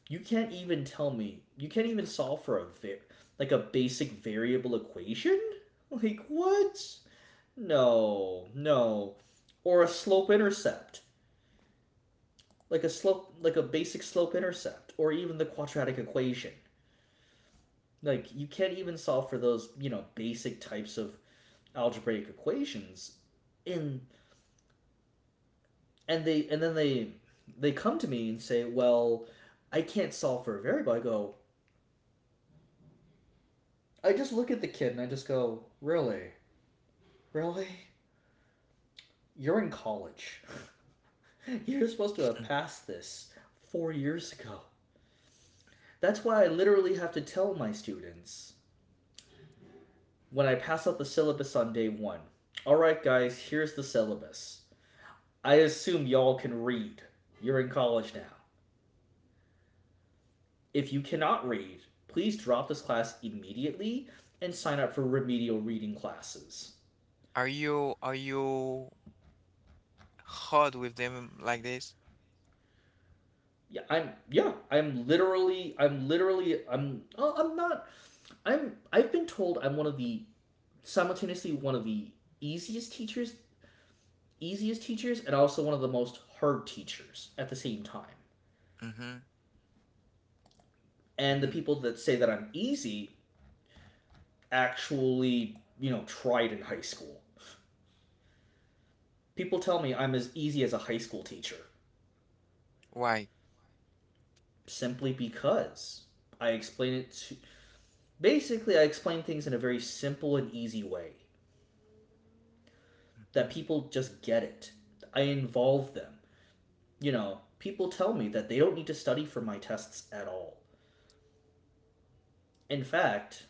Speaker 2: you can't even tell me. You can't even solve for a va- like, a basic variable equation. Like, what? No, no. Or a slope intercept. Like a slope like a basic slope intercept, or even the quadratic equation. Like, you can't even solve for those, you know, basic types of algebraic equations in, and they and then they they come to me and say, "Well, I can't solve for a variable." I go, I just look at the kid and I just go, "Really? Really? You're in college." You're supposed to have passed this four years ago. That's why I literally have to tell my students when I pass out the syllabus on day one. All right, guys, here's the syllabus. I assume y'all can read. You're in college now. If you cannot read, please drop this class immediately and sign up for remedial reading classes.
Speaker 1: Are you are you hard with them like this?
Speaker 2: Yeah, I'm yeah, I'm literally I'm literally I'm oh, I'm not, I'm, I've been told I'm one of the, simultaneously one of the easiest teachers easiest teachers, and also one of the most hard teachers at the same time.
Speaker 1: Mm-hmm.
Speaker 2: And the
Speaker 1: Mm-hmm.
Speaker 2: people that say that I'm easy actually, you know, tried in high school. People tell me I'm as easy as a high school teacher
Speaker 1: Why?
Speaker 2: simply because I explain it to basically, I explain things in a very simple and easy way that
Speaker 1: Hmm.
Speaker 2: people just get it. I involve them. You know, people tell me that they don't need to study for my tests at all. In fact,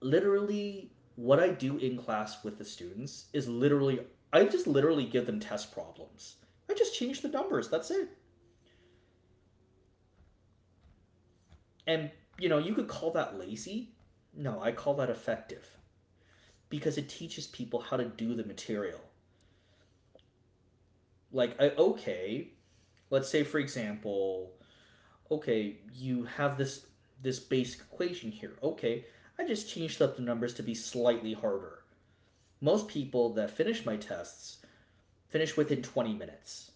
Speaker 2: literally what I do in class with the students is literally I just literally give them test problems. I just change the numbers. That's it. And you know, you could call that lazy. No, I call that effective because it teaches people how to do the material. Like, I, okay, let's say for example, okay, you have this this basic equation here. Okay, I just changed up the numbers to be slightly harder. Most people that finish my tests finish within twenty minutes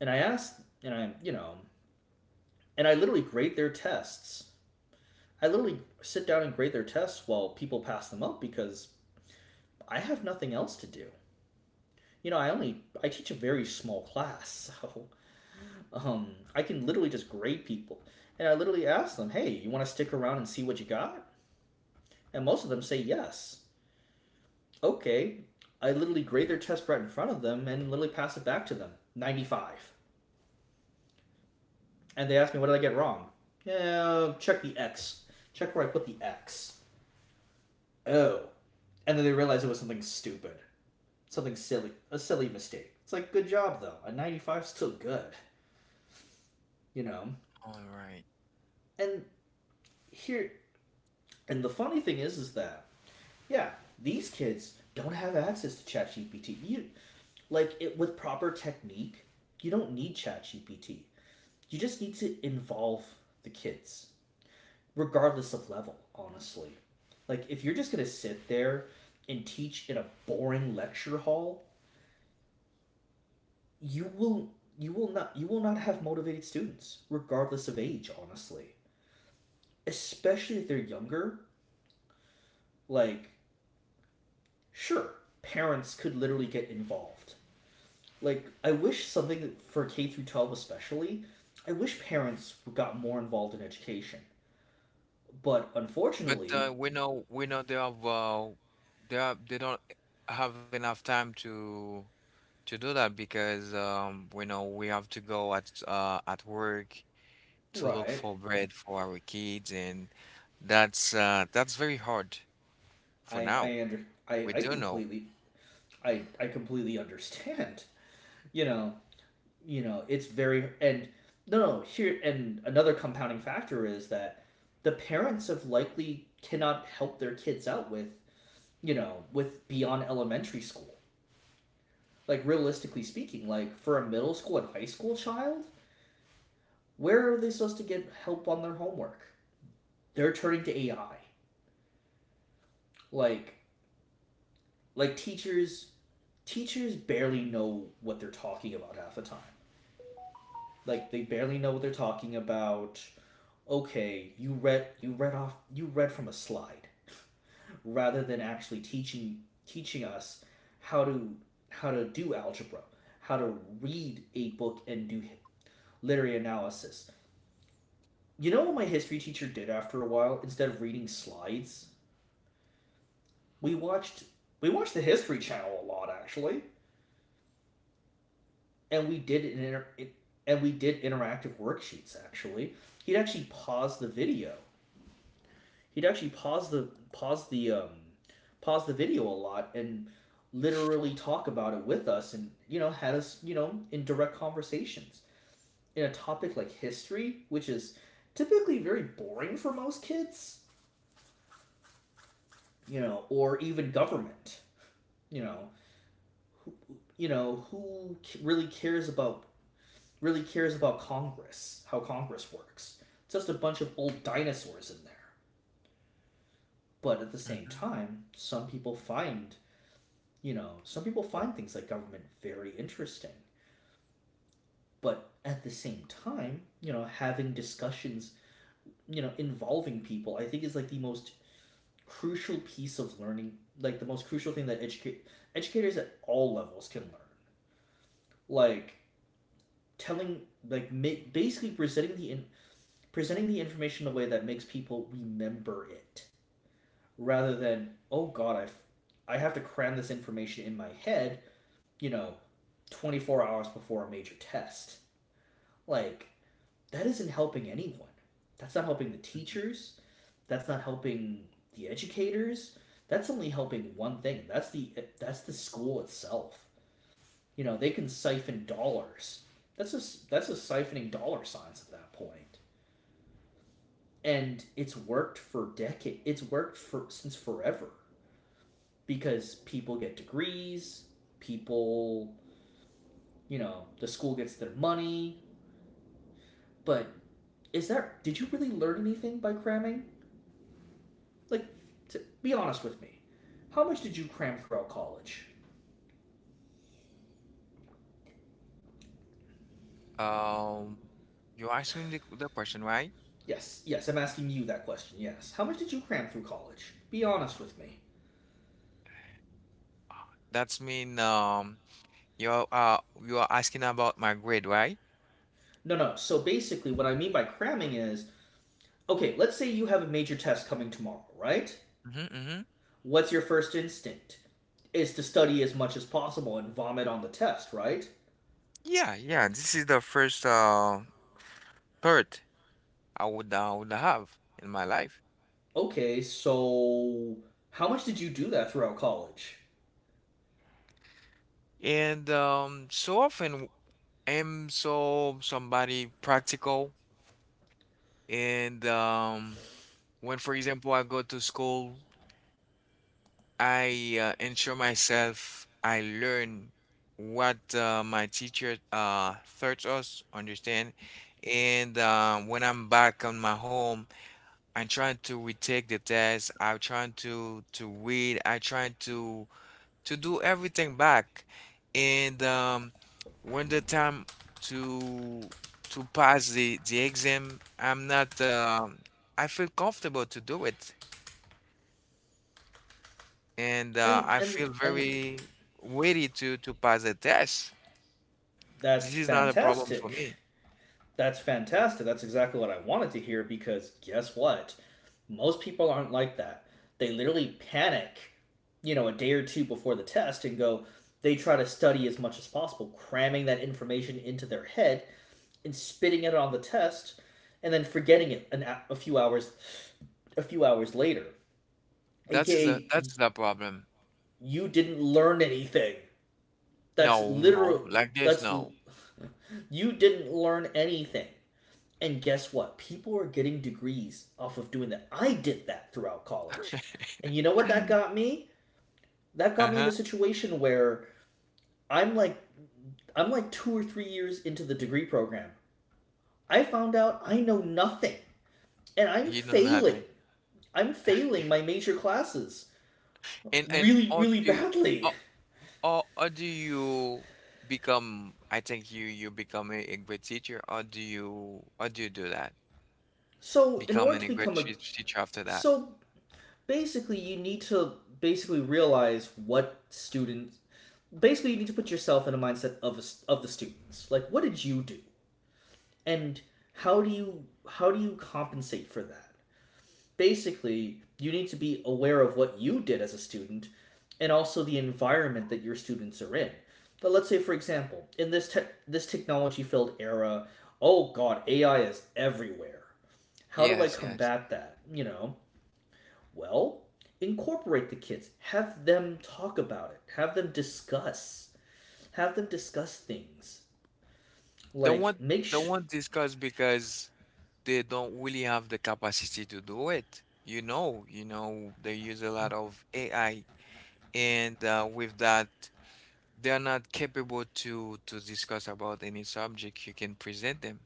Speaker 2: and I ask, and I, you know, and I literally grade their tests. I literally sit down and grade their tests while people pass them up because I have nothing else to do. You know, I only I teach a very small class, so um, I can literally just grade people. And I literally ask them, "Hey, you want to stick around and see what you got?" And most of them say yes. Okay, I literally grade their test right in front of them and literally pass it back to them. ninety-five. And they ask me, what did I get wrong? Yeah, check the X. Check where I put the X. Oh. And then they realized it was something stupid, something silly, a silly mistake. It's like, good job though. A ninety-five is still good, you know?
Speaker 1: All right.
Speaker 2: And here, and the funny thing is, is that, yeah, these kids don't have access to ChatGPT. You, like, it, with proper technique, you don't need ChatGPT. You just need to involve the kids, regardless of level, honestly. Like, if you're just gonna sit there and teach in a boring lecture hall, you will you will not you will not have motivated students, regardless of age, honestly, especially if they're younger. Like sure parents could literally get involved. Like, I wish something for K through twelve especially. I wish parents got more involved in education, but
Speaker 1: But uh,
Speaker 2: unfortunately.
Speaker 1: we know we know they have uh, they are they don't have enough time to to do that because um we know we have to go at uh at work to look
Speaker 2: Right.
Speaker 1: for bread for our kids, and that's uh that's very hard for
Speaker 2: i
Speaker 1: now.
Speaker 2: i under i
Speaker 1: We
Speaker 2: i
Speaker 1: do know.
Speaker 2: completely. I i completely understand. you know you know it's very. And no, no here and another compounding factor is that the parents have likely cannot help their kids out with, you know with beyond elementary school. Like, realistically speaking, like for a middle school and high school child, where are they supposed to get help on their homework? They're turning to AI. Like like teachers, teachers barely know what they're talking about half the time. Like, they barely know what they're talking about. Okay, you read you read off you read from a slide rather than actually teaching teaching us how to, how to do algebra, how to read a book and do literary analysis. You know what my history teacher did after a while? Instead of reading slides, we watched we watched the History Channel a lot, actually, and we did an inter- and we did interactive worksheets actually. He'd actually pause the video he'd actually pause the pause the um, pause the video a lot and literally talk about it with us, and you know had us, you know in direct conversations in a topic like history, which is typically very boring for most kids, you know, or even government, you know, who, you know who really cares about, really cares about Congress, how Congress works? Just a bunch of old dinosaurs in there. But at the same
Speaker 1: Hmm.
Speaker 2: time, some people find, you know, some people find things like government very interesting, but at the same time, you know, having discussions, you know, involving people, I think is like the most crucial piece of learning, like the most crucial thing that educate educators at all levels can learn. Like telling, like ma- basically presenting the in- presenting the information in a way that makes people remember it, rather than oh god, I f- I have to cram this information in my head, you know, twenty four hours before a major test. Like, that isn't helping anyone. That's not helping the teachers. That's not helping the educators. That's only helping one thing. That's the that's the school itself. You know, they can siphon dollars. That's a that's a siphoning dollar signs at that point. And it's worked for decade. It's worked for since forever because people get degrees, people, you know, the school gets their money, but is that, did you really learn anything by cramming? Like, to be honest with me, how much did you cram throughout college?
Speaker 1: Um, you asked me the, the question, right?
Speaker 2: Yes, yes, I'm asking you that question. Yes. How much did you cram through college? Be honest with me.
Speaker 1: That's mean um. You're uh you are asking about my grade, right?
Speaker 2: No, no. So basically, what I mean by cramming is, okay, let's say you have a major test coming tomorrow, right?
Speaker 1: Hmm. Hmm.
Speaker 2: What's your first instinct? Is to study as much as possible and vomit on the test, right?
Speaker 1: Yeah, yeah. This is the first uh thought I would I would have in my life.
Speaker 2: Okay, so how much did you do that throughout college?
Speaker 1: And um so often I'm so somebody practical, and um when, for example, I go to school, I uh, ensure myself I learn what uh, my teacher uh taught us, understand? And um when I'm back on my home, I tried to retake the test. I tried to to read. I tried to to do everything back. And um, when the time to to pass the the exam, I'm not. Um I feel comfortable to do it, and uh,
Speaker 2: And
Speaker 1: I
Speaker 2: and
Speaker 1: feel
Speaker 2: and
Speaker 1: very ready to to pass the test. This
Speaker 2: that's
Speaker 1: is not a problem for
Speaker 2: fantastic.
Speaker 1: me.
Speaker 2: That's fantastic. That's exactly what I wanted to hear, because guess what? Most people aren't like that. They literally panic, you know, a day or two before the test and go, they try to study as much as possible, cramming that information into their head and spitting it on the test and then forgetting it an, a few hours a few hours later.
Speaker 1: That is a
Speaker 2: A K A
Speaker 1: that is the problem.
Speaker 2: you didn't learn anything. That's
Speaker 1: No, no,
Speaker 2: literal
Speaker 1: like this,
Speaker 2: that's
Speaker 1: no.
Speaker 2: you didn't learn anything. And guess what? People are getting degrees off of doing that. I did that throughout college. And you know what that got me? That got me in
Speaker 1: Uh-huh.
Speaker 2: a situation where I'm like I'm like two or three years into the degree program. I found out I know nothing and I'm
Speaker 1: He know
Speaker 2: failing.
Speaker 1: nothing.
Speaker 2: I'm failing my major classes
Speaker 1: And and
Speaker 2: really
Speaker 1: or
Speaker 2: really
Speaker 1: do
Speaker 2: badly.
Speaker 1: or, or, or do you become, I think you you become a, a great teacher, or do you or do you do that?
Speaker 2: So in order
Speaker 1: Becoming
Speaker 2: to
Speaker 1: a great
Speaker 2: become a
Speaker 1: teach- teacher after that.
Speaker 2: so basically you need to, basically realize what students, basically you need to put yourself in a mindset of a, of the students. Like, what did you do and how do you how do you compensate for that? Basically, you need to be aware of what you did as a student and also the environment that your students are in. But let's say for example, in this te- this technology filled era, oh god, AI is everywhere. How do I
Speaker 1: Yes, yes.
Speaker 2: combat that, you know? Well, incorporate the kids. Have them talk about it. Have them discuss. Have them discuss things.
Speaker 1: Don't want
Speaker 2: Like, make
Speaker 1: don't
Speaker 2: sure... sh-
Speaker 1: want discuss because they don't really have the capacity to do it. You know, you know, they use a lot of A I, and uh, with that they are not capable to to discuss about any subject you can present them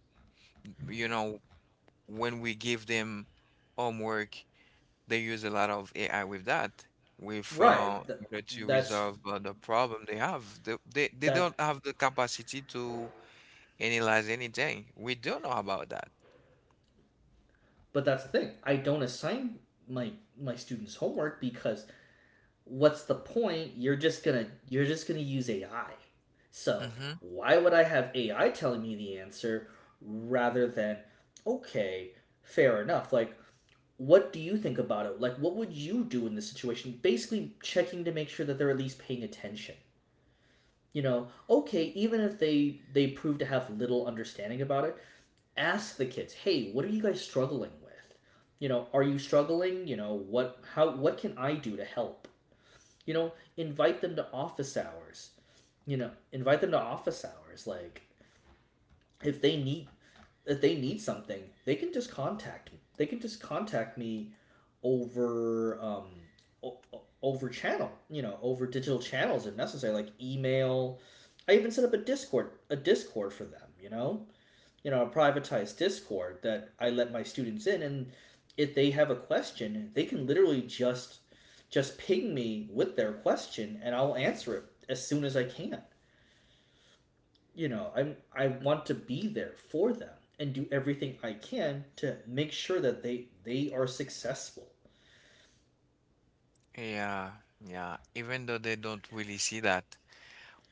Speaker 1: you know when we give them homework they use a lot of A I with that, with
Speaker 2: Right.
Speaker 1: uh,
Speaker 2: That,
Speaker 1: in order to
Speaker 2: that's
Speaker 1: resolve uh, the problem they have, they, they they
Speaker 2: that.
Speaker 1: don't have the capacity to analyze anything we do not know about that.
Speaker 2: But that's the thing. I don't assign my my students homework, because what's the point? You're just gonna you're just gonna use A I. So
Speaker 1: Hmm.
Speaker 2: why would I have A I telling me the answer rather than, okay, fair enough. Like, what do you think about it? Like, what would you do in this situation? Basically, checking to make sure that they're at least paying attention. You know, okay, even if they they prove to have little understanding about it, ask the kids, hey, what are you guys struggling with? You know, are you struggling? You know, what how what can I do to help? You know, invite them to office hours. You know, invite them to office hours. Like, if they need if they need something, they can just contact me. They can just contact me over um, o- over channel, you know, over digital channels if necessary, like email. I even set up a Discord, a Discord for them, you know, you know, a privatized Discord that I let my students in, and if they have a question, they can literally just just ping me with their question, and I'll answer it as soon as I can. You know, I'm I want to be there for them and do everything I can to make sure that they they are successful.
Speaker 1: Yeah, yeah, even though they don't really see that.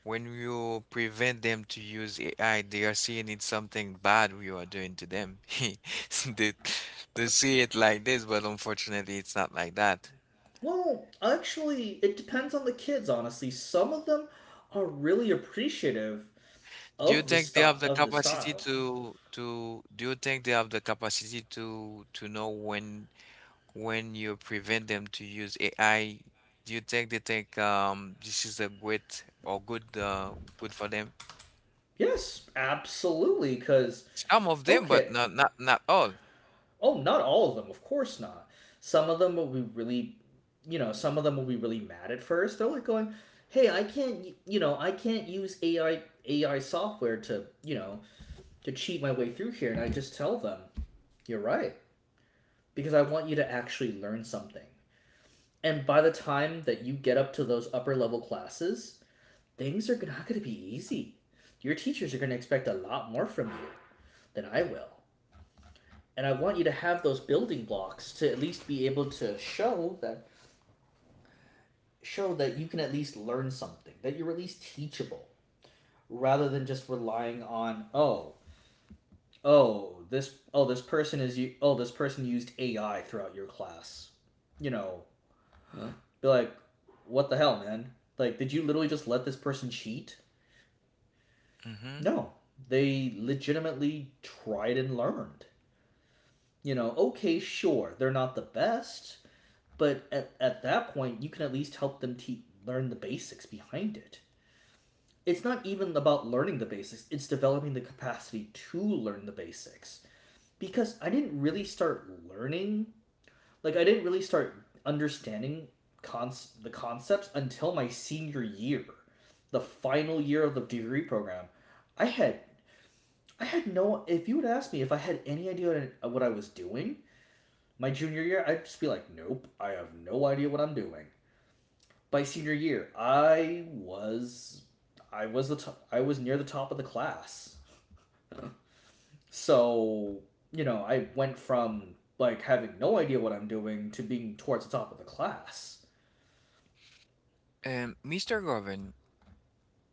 Speaker 1: When you prevent them to use A I, they are seeing it's something bad you are doing to them. They, they see it like this, but unfortunately, it's not like that.
Speaker 2: Well, actually, it depends on the kids. Honestly, some of them are really appreciative
Speaker 1: Do you
Speaker 2: of this
Speaker 1: think they
Speaker 2: style.
Speaker 1: have the
Speaker 2: Of the
Speaker 1: capacity
Speaker 2: style,
Speaker 1: to to Do you think they have the capacity to to know when when you prevent them to use A I? Do you think they think um this is a great or good uh good for them?
Speaker 2: yes, absolutely. Because
Speaker 1: Some of them, but
Speaker 2: okay,
Speaker 1: not not not all.
Speaker 2: oh, not all of them, of course not. Some of them will be really, you know, some of them will be really mad at first. They're like going, "Hey, I can't, you know, I can't use A I A I software to, you know, to cheat my way through here." And I just tell them, "You're right," because I want you to actually learn something. And by the time that you get up to those upper level classes, things are not going to be easy. Your teachers are going to expect a lot more from you than I will. And I want you to have those building blocks to at least be able to show that show that you can at least learn something, that you're at least teachable, rather than just relying on, oh, oh, this oh, this person is you oh, this person used A I throughout your class. You know, be like, what the hell, man? Like, did you literally just let this person cheat?
Speaker 1: Mm-hmm.
Speaker 2: No, they legitimately tried and learned. You know, okay, sure, they're not the best, but at, at that point, you can at least help them te- learn the basics behind it. It's not even about learning the basics, it's developing the capacity to learn the basics. Because I didn't really start learning, like, I didn't really start understanding cons- the concepts until my senior year, the final year of the degree program. I had I had no. If you would ask me if I had any idea what I was doing my junior year, I'd just be like, nope, I have no idea what I'm doing. By senior year, I was, I was the, to- I was near the top of the class. So you know, I went from like having no idea what I'm doing to being towards the top of the class.
Speaker 1: Um, mister Govan,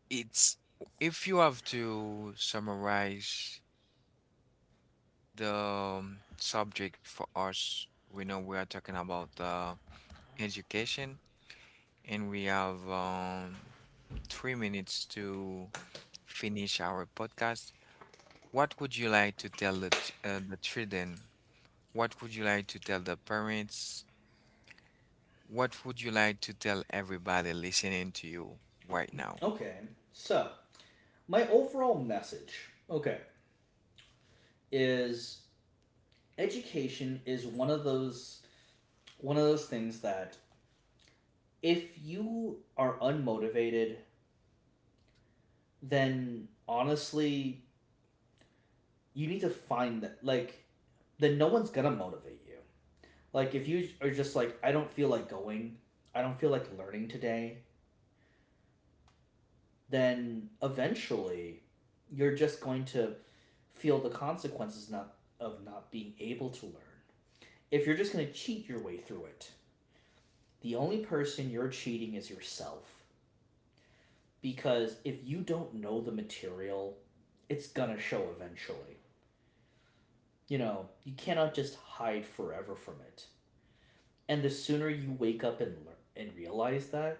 Speaker 1: It's if you have to summarize the um, subject for us, we know we are talking about uh, education, and we have um, three minutes to finish our podcast. What would you like to tell the ch- uh, the children? What would you like to tell the parents? What would you like to tell everybody listening to you right now?
Speaker 2: Okay, so my overall message, okay, is education is one of those one of those things that if you are unmotivated, then honestly, you need to find that, like, then no one's gonna motivate you. Like if you are just like I don't feel like going, I don't feel like learning today, then eventually you're just going to feel the consequences not of not being able to learn. If you're just going to cheat your way through it, the only person you're cheating is yourself because if you don't know the material, it's going to show eventually. You know, you cannot just hide forever from it. And the sooner you wake up and learn and realize that,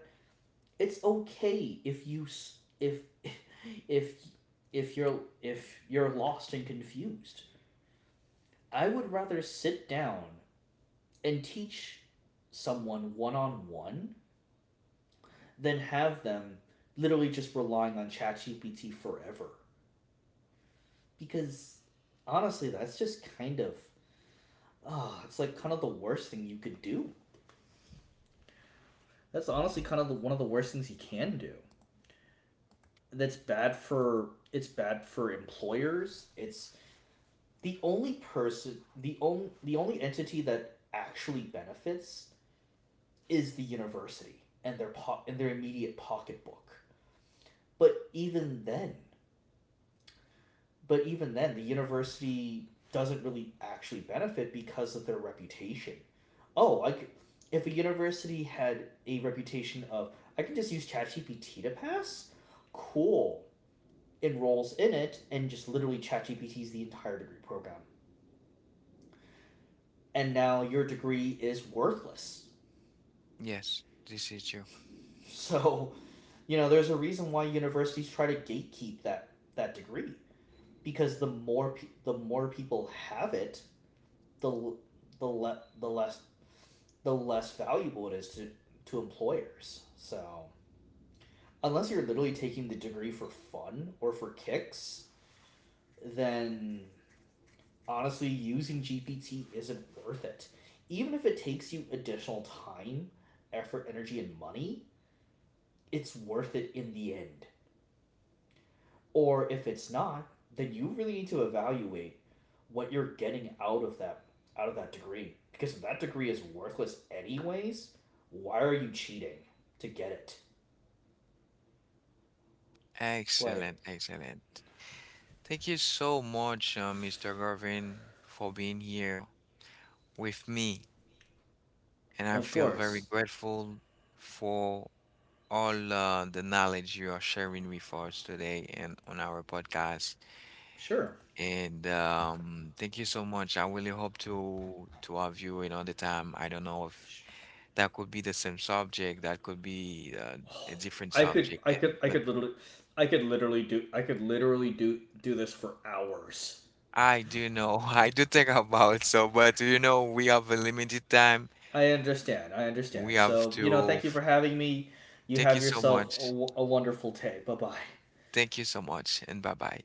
Speaker 2: it's okay if you if if if you're if you're lost and confused. I would rather sit down and teach someone one on one than have them literally just relying on ChatGPT forever. Because honestly, that's just kind of oh, it's like kind of the worst thing you could do. That's honestly kind of the, one of the worst things you can do. That's bad for it's bad for employers. It's the only person the only the only entity that actually benefits is the university and their po- and their immediate pocketbook. But even then, but even then the university doesn't really actually benefit because of their reputation. Oh, like if a university had a reputation of I can just use ChatGPT to pass, cool enrolls in it and just literally ChatGPTs the entire degree program. And now your degree is worthless.
Speaker 1: Yes, this is you.
Speaker 2: So, you know, there's a reason why universities try to gatekeep that that degree because the more pe- the more people have it, the l- the le- the less the less valuable it is to to employers. So, unless you're literally taking the degree for fun or for kicks, then honestly, using G P T isn't worth it. Even if it takes you additional time, effort, energy, and money, it's worth it in the end. Or if it's not, then you really need to evaluate what you're getting out of that out of that degree. Because if that degree is worthless anyways, why are you cheating to get it? Like
Speaker 1: Excellent, excellent. Thank you so much, uh, mister Garvin, for being here with me. And I
Speaker 2: Of
Speaker 1: feel very
Speaker 2: course.
Speaker 1: grateful for all uh, the knowledge you are sharing with us today and on our podcast.
Speaker 2: Sure.
Speaker 1: And um, thank you so much. I really hope to to have you another time. I don't know if that could be the same subject, that could be uh, a different
Speaker 2: I could
Speaker 1: subject,
Speaker 2: I
Speaker 1: and
Speaker 2: could I
Speaker 1: but
Speaker 2: could literally I could literally do I could literally do do this for hours.
Speaker 1: I do know, I do think about so, but you know, we have a limited time
Speaker 2: I understand. I
Speaker 1: we
Speaker 2: understand.
Speaker 1: have
Speaker 2: So, you know,
Speaker 1: to...
Speaker 2: thank you for having me. You
Speaker 1: Thank you
Speaker 2: have
Speaker 1: so
Speaker 2: yourself a,
Speaker 1: much.
Speaker 2: w- a wonderful day. Bye bye.
Speaker 1: Thank you so much, and bye bye.